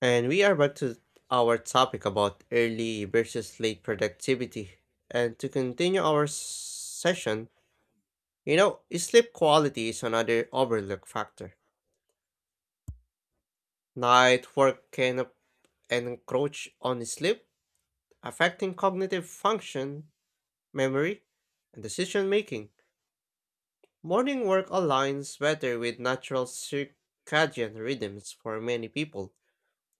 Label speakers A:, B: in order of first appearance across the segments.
A: And we are back to our topic about early versus late productivity. And to continue our session, sleep quality is another overlooked factor. Night work can encroach on sleep, affecting cognitive function, memory, and decision making. Morning work aligns better with natural circadian rhythms for many people,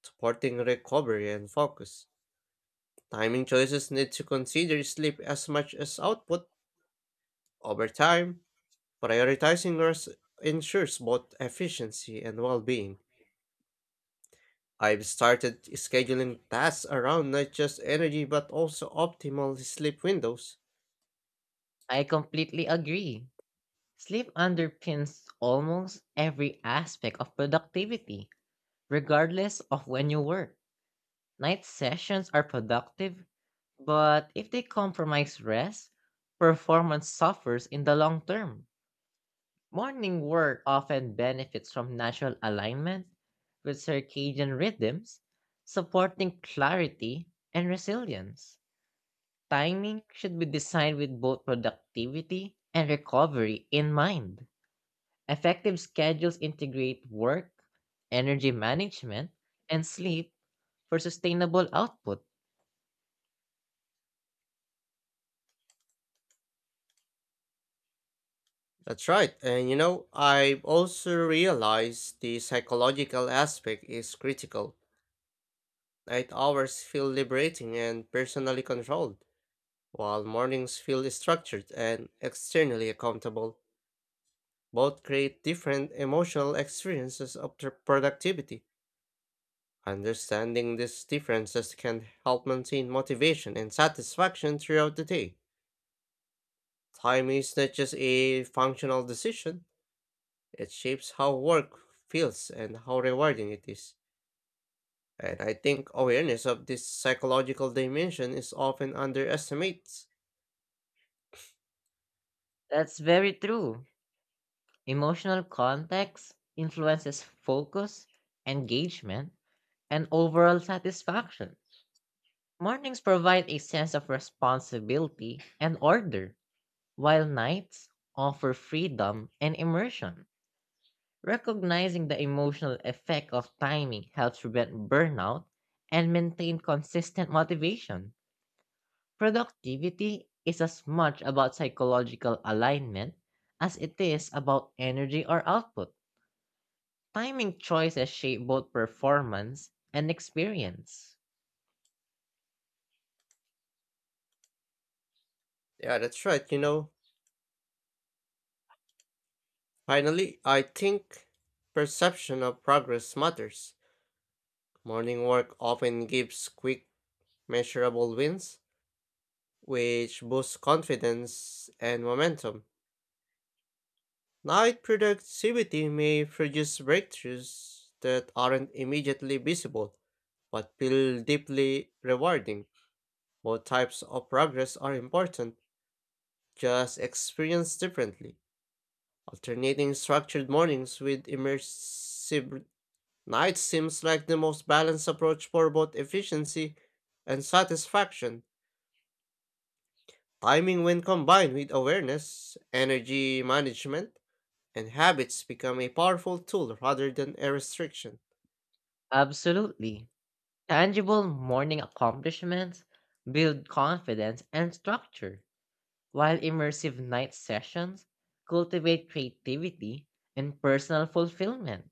A: supporting recovery and focus. Timing choices need to consider sleep as much as output over time. Prioritizing rest ensures both efficiency and well being. I've started scheduling tasks around not just energy but also optimal sleep windows.
B: I completely agree. Sleep underpins almost every aspect of productivity, regardless of when you work. Night sessions are productive, but if they compromise rest, performance suffers in the long term. Morning work often benefits from natural alignment with circadian rhythms, supporting clarity and resilience. Timing should be designed with both productivity and recovery in mind. Effective schedules integrate work, energy management, and sleep for sustainable output.
A: That's right, and I've also realized the psychological aspect is critical. Night hours feel liberating and personally controlled, while mornings feel structured and externally accountable. Both create different emotional experiences of their productivity. Understanding these differences can help maintain motivation and satisfaction throughout the day. Time is not just a functional decision, it shapes how work feels and how rewarding it is. And I think awareness of this psychological dimension is often underestimated.
B: That's very true. Emotional context influences focus, engagement, and overall satisfaction. Mornings provide a sense of responsibility and order, while nights offer freedom and immersion. Recognizing the emotional effect of timing helps prevent burnout and maintain consistent motivation. Productivity is as much about psychological alignment as it is about energy or output. Timing choices shape both performance and experience.
A: Yeah, that's right. Finally, I think perception of progress matters. Morning work often gives quick measurable wins, which boosts confidence and momentum. Night productivity may produce breakthroughs that aren't immediately visible, but feel deeply rewarding. Both types of progress are important, just experienced differently. Alternating structured mornings with immersive nights seems like the most balanced approach for both efficiency and satisfaction. Timing, when combined with awareness, energy management, and habits, become a powerful tool rather than a restriction.
B: Absolutely. Tangible morning accomplishments build confidence and structure, while immersive night sessions cultivate creativity and personal fulfillment.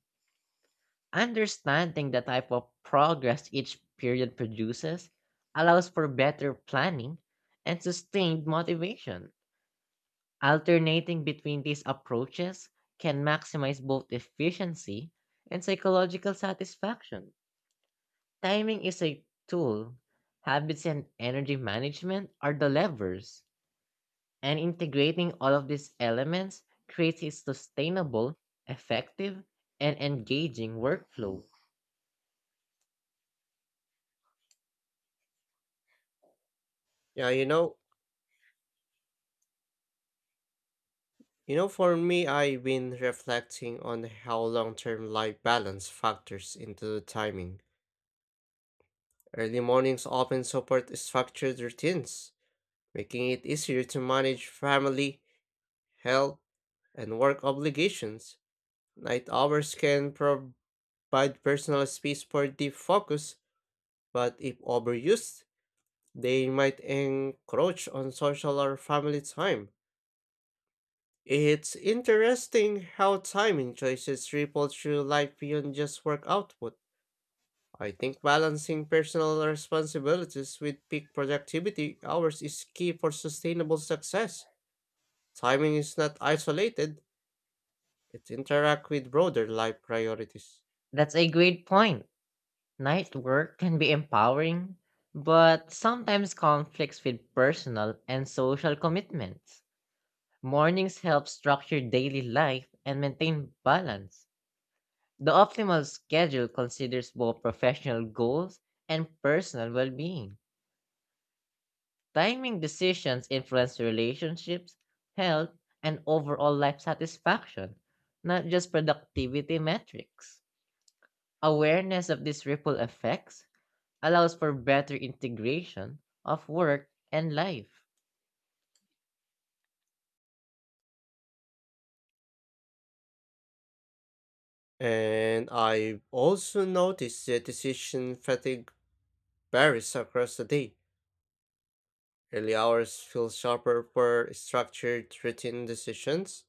B: Understanding the type of progress each period produces allows for better planning and sustained motivation. Alternating between these approaches can maximize both efficiency and psychological satisfaction. Timing is a tool, habits and energy management are the levers, and integrating all of these elements creates a sustainable, effective, and engaging workflow.
A: Yeah, you know, for me, I've been reflecting on how long-term life balance factors into the timing. Early mornings often support structured routines, making it easier to manage family, health, and work obligations. Night hours can provide personal space for deep focus, but if overused, they might encroach on social or family time. It's interesting how timing choices ripple through life beyond just work output. I think balancing personal responsibilities with peak productivity hours is key for sustainable success. Timing is not isolated, it interacts with broader life priorities.
B: That's a great point. Night work can be empowering, but sometimes conflicts with personal and social commitments. Mornings help structure daily life and maintain balance. The optimal schedule considers both professional goals and personal well being. Timing decisions influence relationships, health, and overall life satisfaction, not just productivity metrics. Awareness of these ripple effects allows for better integration of work and life.
A: And I've also noticed that decision fatigue varies across the day. Early hours feel sharper for structured routine decisions,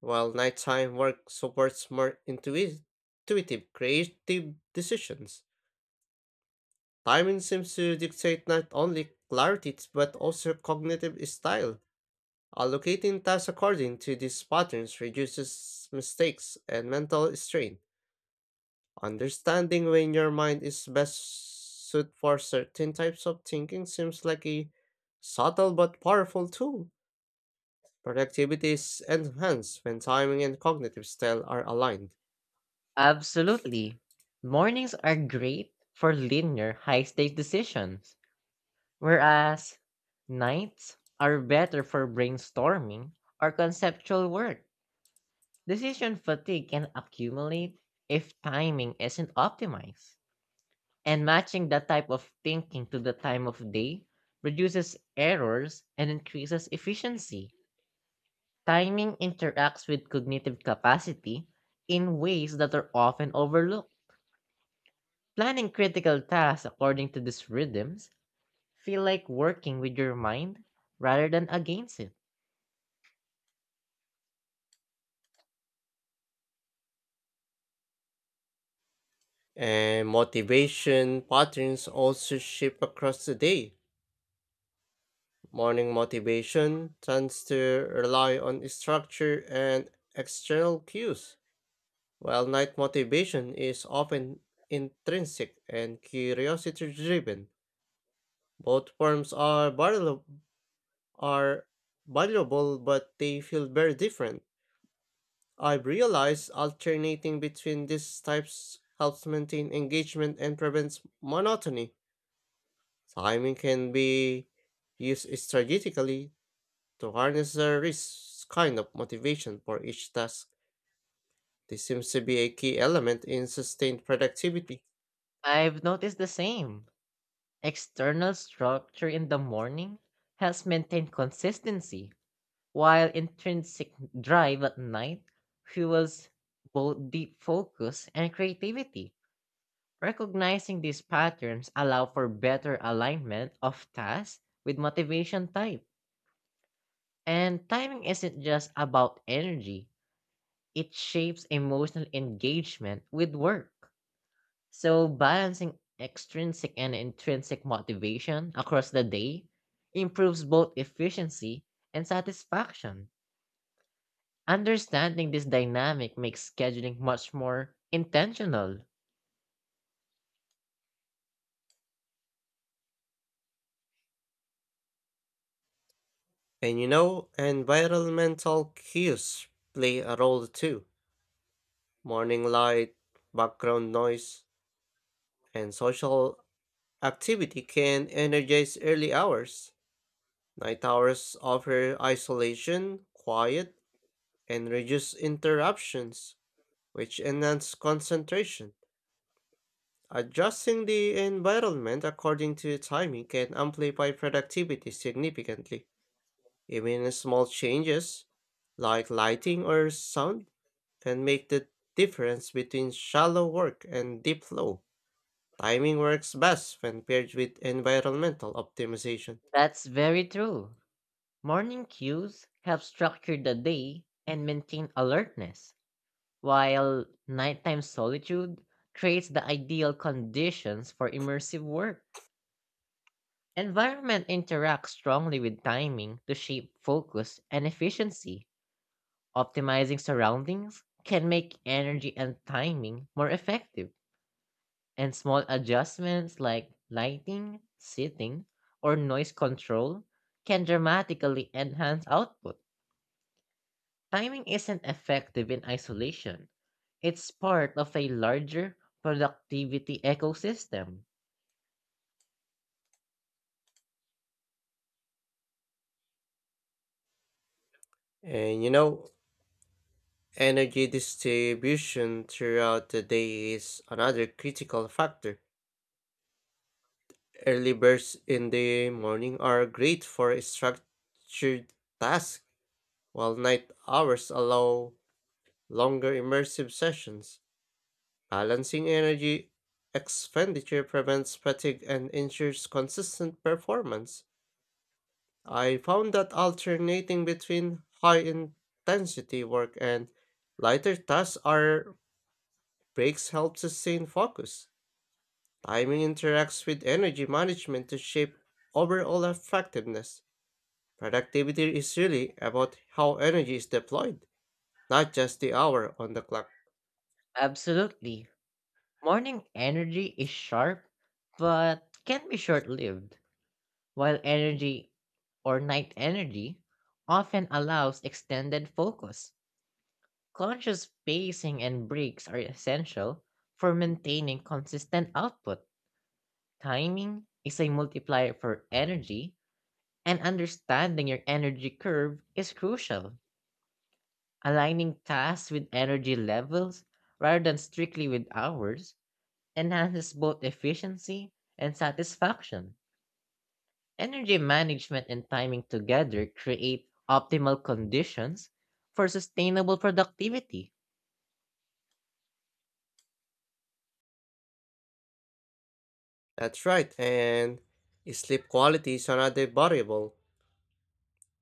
A: while nighttime work supports more intuitive, creative decisions. Timing seems to dictate not only clarity but also cognitive style. Allocating tasks according to these patterns reduces mistakes and mental strain. Understanding when your mind is best suited for certain types of thinking seems like a subtle but powerful tool. Productivity is enhanced when timing and cognitive style are aligned.
B: Absolutely. Mornings are great for linear high stake decisions, whereas nights are better for brainstorming or conceptual work. Decision fatigue can accumulate if timing isn't optimized. And matching that type of thinking to the time of day reduces errors and increases efficiency. Timing interacts with cognitive capacity in ways that are often overlooked. Planning critical tasks according to these rhythms feel like working with your mind rather than against it.
A: And motivation patterns also shift across the day. Morning motivation tends to rely on structure and external cues, while night motivation is often intrinsic and curiosity driven. Both forms are valuable but they feel very different. I've realized alternating between these types helps maintain engagement and prevents monotony. Timing can be used strategically to harness the risk kind of motivation for each task. This seems to be a key element in sustained productivity.
B: I've noticed the same. External structure in the morning helps maintain consistency, while intrinsic drive at night fuels both deep focus and creativity. Recognizing these patterns allow for better alignment of tasks with motivation type. And timing isn't just about energy, it shapes emotional engagement with work. So balancing extrinsic and intrinsic motivation across the day improves both efficiency and satisfaction. Understanding this dynamic makes scheduling much more intentional.
A: Environmental cues play a role too. Morning light, background noise, and social activity can energize early hours. Night hours offer isolation, quiet, and reduce interruptions, which enhance concentration. Adjusting the environment according to timing can amplify productivity significantly. Even small changes, like lighting or sound, can make the difference between shallow work and deep flow. Timing works best when paired with environmental optimization.
B: That's very true. Morning cues help structure the day and maintain alertness, while nighttime solitude creates the ideal conditions for immersive work. Environment interacts strongly with timing to shape focus and efficiency. Optimizing surroundings can make energy and timing more effective, and small adjustments like lighting, seating, or noise control can dramatically enhance output. Timing isn't effective in isolation. It's part of a larger productivity ecosystem.
A: And you know, Energy distribution throughout the day is another critical factor. Early birds in the morning are great for structured tasks, while night hours allow longer immersive sessions. Balancing energy expenditure prevents fatigue and ensures consistent performance. I found that alternating between high intensity work and lighter tasks or breaks help sustain focus. Timing interacts with energy management to shape overall effectiveness. Productivity is really about how energy is deployed, not just the hour on the clock.
B: Absolutely. Morning energy is sharp, but can be short lived, while energy or night energy often allows extended focus. Conscious pacing and breaks are essential for maintaining consistent output. Timing is a multiplier for energy. And understanding your energy curve is crucial. Aligning tasks with energy levels rather than strictly with hours enhances both efficiency and satisfaction. Energy management and timing together create optimal conditions for sustainable productivity.
A: That's right, and sleep quality is another variable.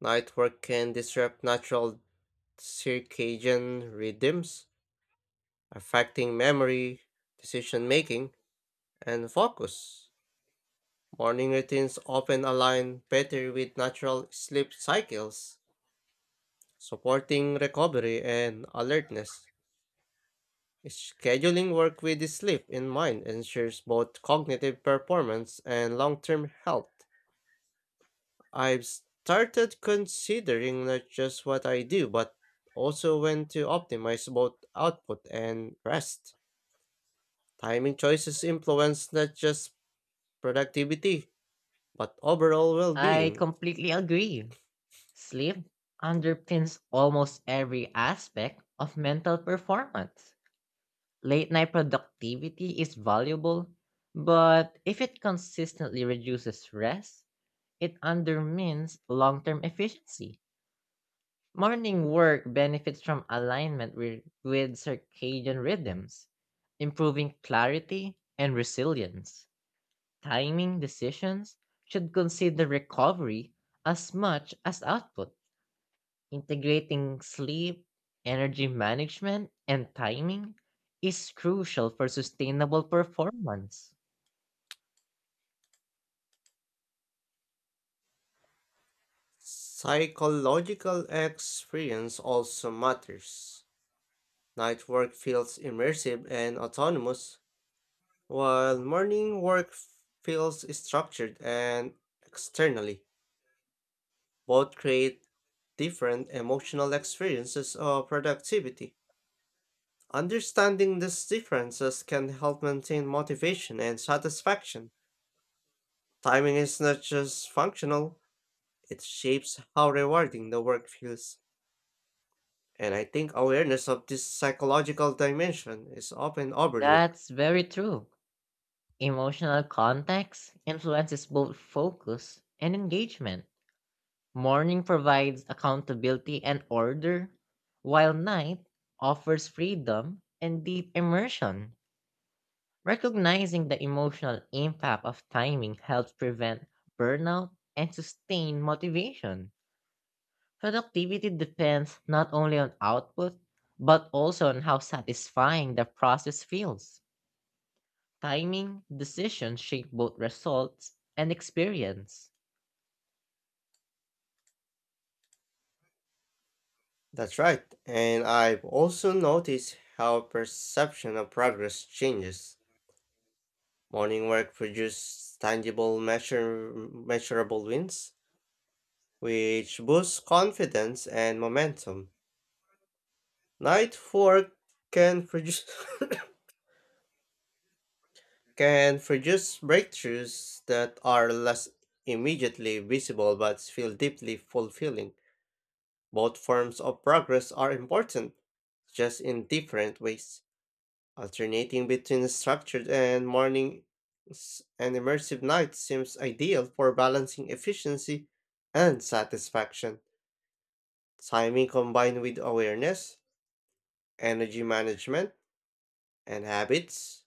A: Night work can disrupt natural circadian rhythms, affecting memory, decision making, and focus. Morning routines often align better with natural sleep cycles. Supporting recovery and alertness. Scheduling work with sleep in mind ensures both cognitive performance and long term health. I've started considering not just what I do, but also when to optimize both output and rest. Timing choices influence not just productivity, but overall well
B: I
A: being.
B: completely agree. Sleep underpins almost every aspect of mental performance. Late night productivity is valuable, but if it consistently reduces rest, it undermines long term efficiency. Morning work benefits from alignment with circadian rhythms, improving clarity and resilience. Timing decisions should consider recovery as much as output. Integrating sleep, energy management, and timing is crucial for sustainable performance.
A: Psychological experience also matters. Night work feels immersive and autonomous, while morning work feels structured and externally. Both create different emotional experiences of productivity. Understanding these differences can help maintain motivation and satisfaction. Timing is not just functional, it shapes how rewarding the work feels. And I think awareness of this psychological dimension is often overlooked.
B: That's very true. Emotional context influences both focus and engagement. Morning provides accountability and order, while night offers freedom and deep immersion. Recognizing the emotional impact of timing helps prevent burnout and sustain motivation. Productivity depends not only on output, but also on how satisfying the process feels. Timing, decisions shape both results and experience.
A: That's right. And I've also noticed how perception of progress changes. Morning work produces tangible, measurable wins, which boosts confidence and momentum. Night work can produce can produce breakthroughs that are less immediately visible but feel deeply fulfilling. Both forms of progress are important, just in different ways. Alternating between structured and mornings and immersive nights seems ideal for balancing efficiency and satisfaction. Timing combined with awareness, energy management, and habits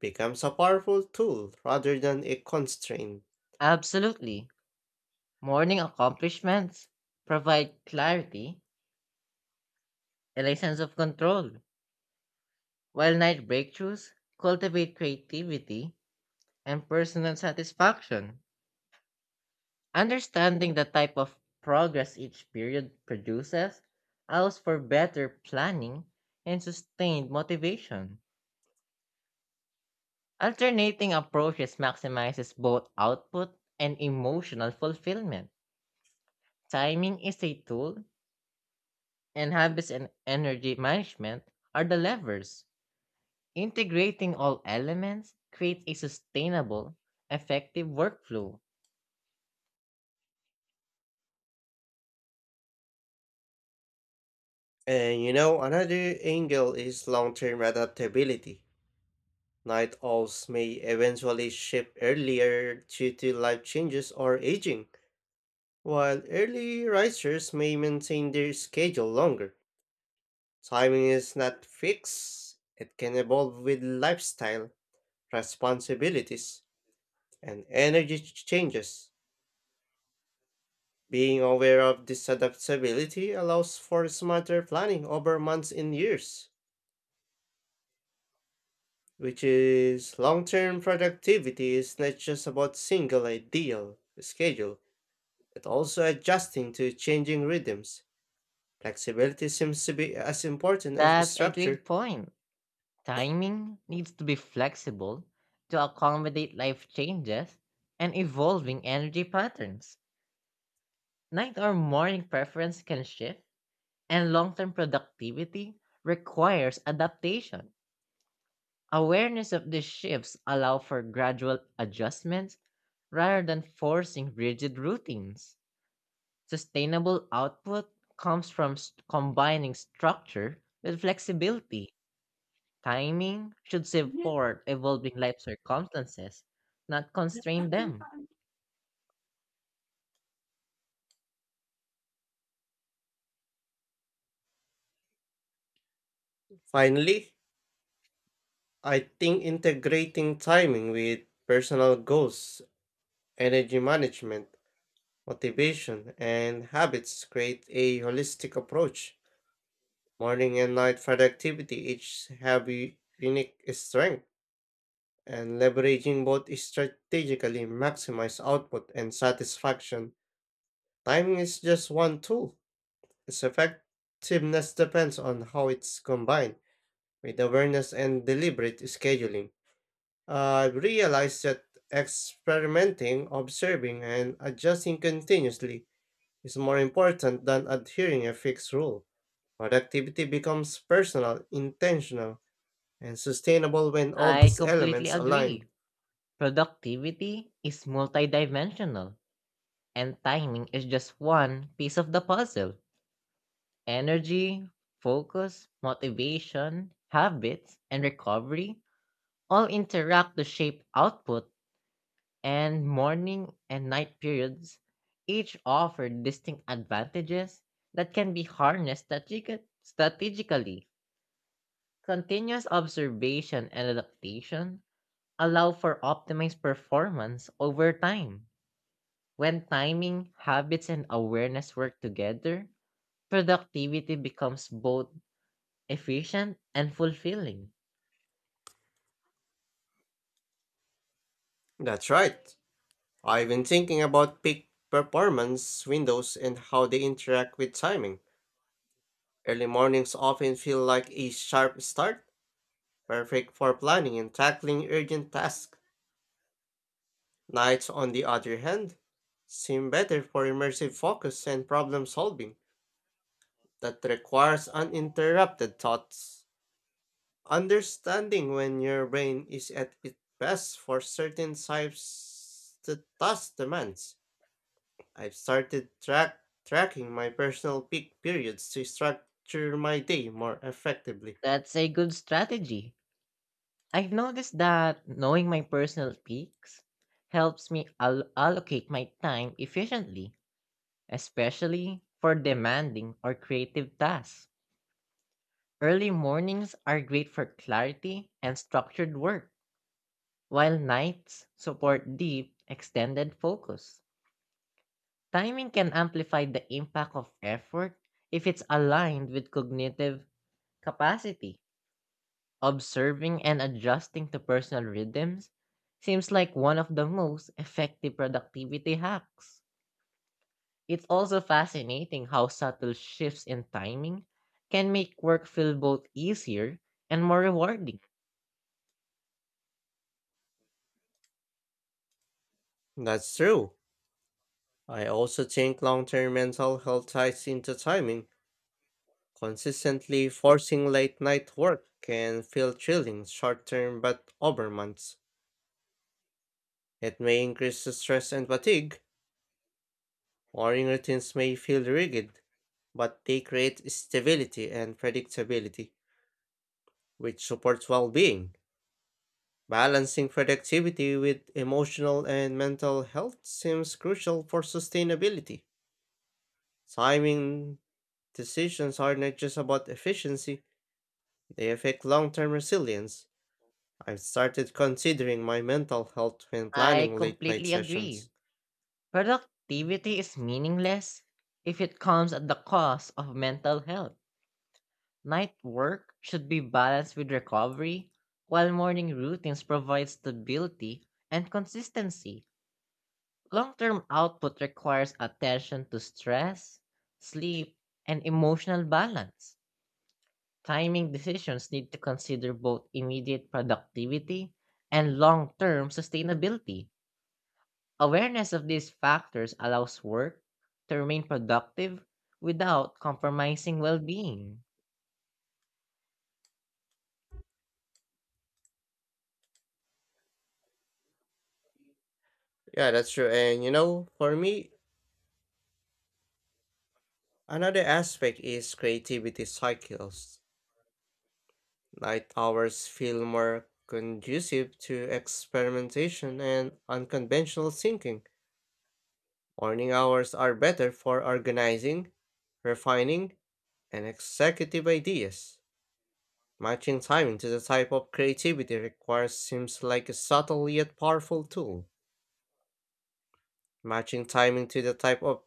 A: becomes a powerful tool rather than a constraint.
B: Absolutely. Morning accomplishments provide clarity and a sense of control, while night breakthroughs cultivate creativity and personal satisfaction. Understanding the type of progress each period produces allows for better planning and sustained motivation. Alternating approaches maximizes both output and emotional fulfillment. Timing is a tool, and habits and energy management are the levers. Integrating all elements creates a sustainable, effective workflow.
A: Another angle is long term adaptability. Night owls may eventually shift earlier due to life changes or aging. While early risers may maintain their schedule longer, timing is not fixed. It can evolve with lifestyle, responsibilities, and energy changes. Being aware of this adaptability allows for smarter planning over months and years, which is long term productivity is not just about single ideal schedule, but also adjusting to changing rhythms. Flexibility seems to be as important as
B: That's a
A: structure.
B: great point. Timing needs to be flexible to accommodate life changes and evolving energy patterns. Night or morning preference can shift, and long term productivity requires adaptation. Awareness of these shifts allow for gradual adjustments rather than forcing rigid routines. Sustainable output comes from combining structure with flexibility. Timing should support evolving life circumstances, not constrain them.
A: Finally, I think integrating timing with personal goals, energy management, motivation, and habits create a holistic approach. Morning and night productivity each have unique strength, and leveraging both strategically maximize output and satisfaction. Timing is just one tool. Its effectiveness depends on how it's combined with awareness and deliberate scheduling. I realized that experimenting, observing, and adjusting continuously is more important than adhering a fixed rule. Productivity becomes personal, intentional, and sustainable when all
B: I
A: these
B: completely
A: elements align.
B: agree. Productivity is multidimensional, and timing is just one piece of the puzzle. Energy, focus, motivation, habits, and recovery all interact to shape output, and morning and night periods each offer distinct advantages that can be harnessed strategically. Continuous observation and adaptation allow for optimized performance over time. When timing, habits, and awareness work together, productivity becomes both efficient and fulfilling.
A: That's right. I've been thinking about peak performance windows and how they interact with timing. Early mornings often feel like a sharp start, perfect for planning and tackling urgent tasks. Nights, on the other hand, seem better for immersive focus and problem solving that requires uninterrupted thoughts. Understanding when your brain is at its best for certain types of task demands. I've started tracking my personal peak periods to structure my day more effectively.
B: That's a good strategy. I've noticed that knowing my personal peaks helps me allocate my time efficiently, especially for demanding or creative tasks. Early mornings are great for clarity and structured work, while nights support deep, extended focus. Timing can amplify the impact of effort if it's aligned with cognitive capacity. Observing and adjusting to personal rhythms seems like one of the most effective productivity hacks. It's also fascinating how subtle shifts in timing can make work feel both easier and more rewarding.
A: That's true. I also think long term mental health ties into timing. Consistently forcing late night work can feel chilling short term but over months. It may increase the stress and fatigue. Morning routines may feel rigid, but they create stability and predictability, which supports well being. Balancing productivity with emotional and mental health seems crucial for sustainability. Timing decisions are not just about efficiency, they affect long term resilience. I've started considering my mental health when
B: I
A: planning late night
B: completely agree.
A: sessions.
B: Productivity is meaningless if it comes at the cost of mental health. Night work should be balanced with recovery, while morning routines provide stability and consistency. Long term output requires attention to stress, sleep, and emotional balance. Timing decisions need to consider both immediate productivity and long term sustainability. Awareness of these factors allows work to remain productive without compromising well being.
A: Yeah, that's true. For me, another aspect is creativity cycles. Night hours feel more conducive to experimentation and unconventional thinking. Morning hours are better for organizing, refining, and executive ideas. Matching timing to the type of creativity required seems like a subtle yet powerful tool. Matching timing to the type of,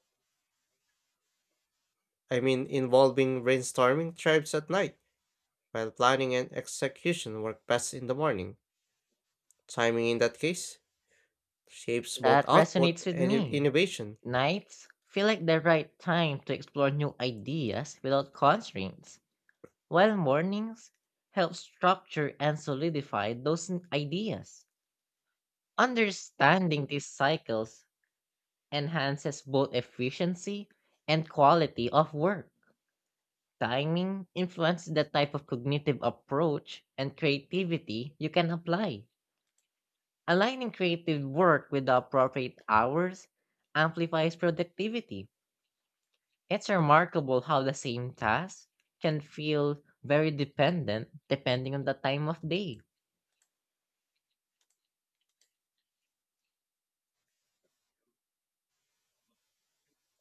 A: I mean, involving brainstorming tribes at night, while planning and execution work best in the morning. Timing in that case shapes both
B: That
A: output
B: resonates with
A: and
B: me.
A: innovation.
B: Nights feel like the right time to explore new ideas without constraints, while mornings help structure and solidify those ideas. Understanding these cycles enhances both efficiency and quality of work. Timing influences the type of cognitive approach and creativity you can apply. Aligning creative work with the appropriate hours amplifies productivity. It's remarkable how the same task can feel very dependent depending on the time of day.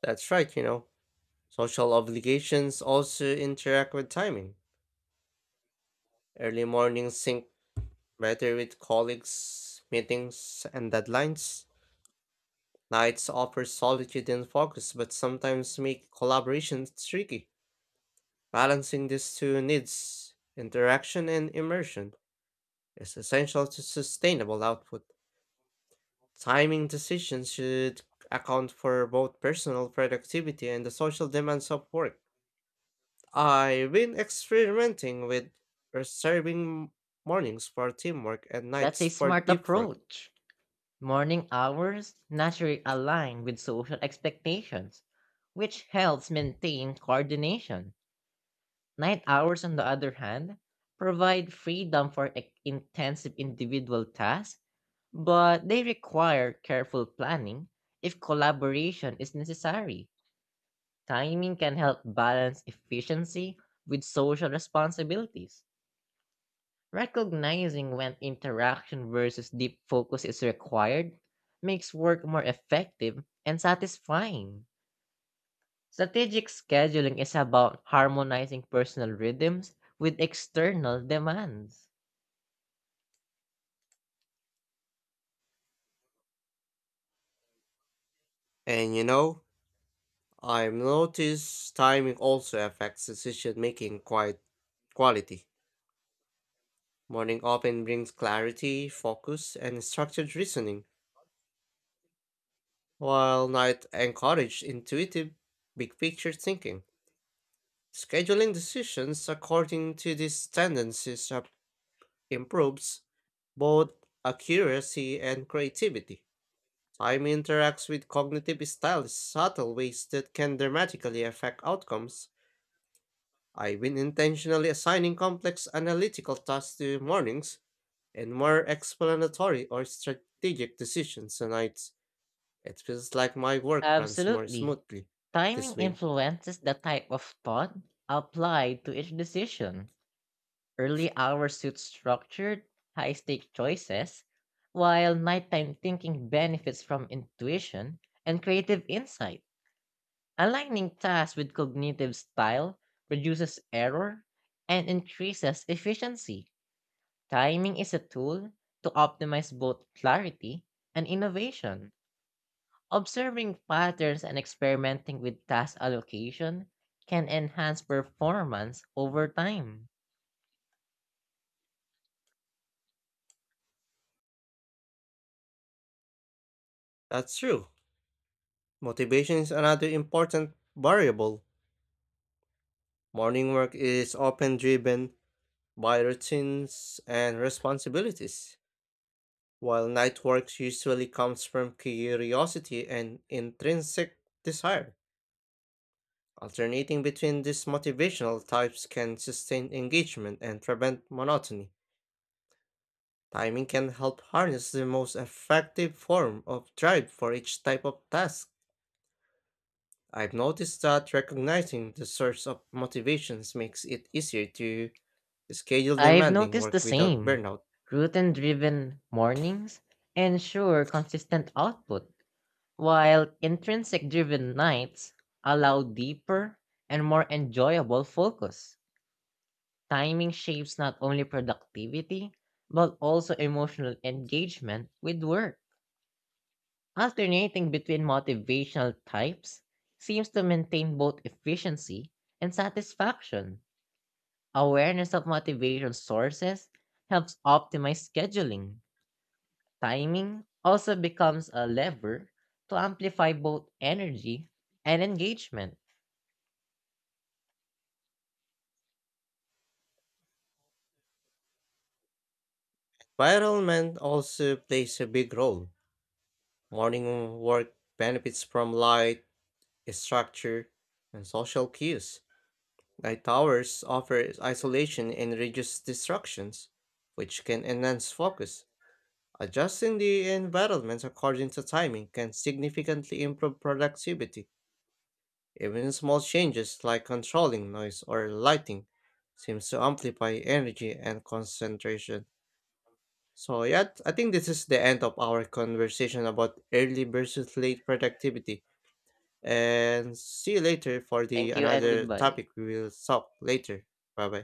A: That's right. Social obligations also interact with timing. Early mornings sync whether with colleagues, meetings, and deadlines, nights offer solitude and focus, but sometimes make collaboration tricky. Balancing these two needs, interaction and immersion, is essential to sustainable output. Timing decisions should account for both personal productivity and the social demands of work. I've been experimenting with reserving mornings for teamwork and
B: That's a
A: nights for
B: smart
A: deep work.
B: approach. Morning hours naturally align with social expectations, which helps maintain coordination. Night hours, on the other hand, provide freedom for intensive individual tasks, but they require careful planning if collaboration is necessary. Timing can help balance efficiency with social responsibilities. Recognizing when interaction versus deep focus is required makes work more effective and satisfying. Strategic scheduling is about harmonizing personal rhythms with external demands.
A: And you know, I've noticed timing also affects decision making quite quality. Morning often brings clarity, focus, and structured reasoning, while night encourages intuitive, big picture thinking. Scheduling decisions according to these tendencies improves both accuracy and creativity. Time interacts with cognitive style in subtle ways that can dramatically affect outcomes. I've been intentionally assigning complex analytical tasks to mornings and more explanatory or strategic decisions on nights. It feels like my work runs more
B: Absolutely.
A: smoothly
B: Timing
A: this way.
B: influences the type of thought applied to each decision. Early hours suit structured, high stake choices, while nighttime thinking benefits from intuition and creative insight. Aligning tasks with cognitive style reduces error and increases efficiency. Timing is a tool to optimize both clarity and innovation. Observing patterns and experimenting with task allocation can enhance performance over time.
A: That's true. Motivation is another important variable. Morning work is often driven by routines and responsibilities, while night work usually comes from curiosity and intrinsic desire. Alternating between these motivational types can sustain engagement and prevent monotony. Timing can help harness the most effective form of drive for each type of task. I've noticed that recognizing the source of motivations makes it easier to schedule
B: I've
A: demanding
B: noticed the
A: work without
B: same.
A: burnout.
B: Routine driven mornings ensure consistent output, while intrinsic driven nights allow deeper and more enjoyable focus. Timing shapes not only productivity, but also emotional engagement with work. Alternating between motivational types seems to maintain both efficiency and satisfaction. Awareness of motivation sources helps optimize scheduling. Timing also becomes a lever to amplify both energy and engagement.
A: Environment also plays a big role. Morning work benefits from light, structure, and social cues. Night towers offer isolation and reduce distractions, which can enhance focus. Adjusting the environment according to timing can significantly improve productivity. Even small changes like controlling noise or lighting seems to amplify energy and concentration. So yeah, I think this is the end of our conversation about early versus late productivity. And see you later for the
B: Thank you and
A: another
B: goodbye.
A: topic we will talk later. Bye bye.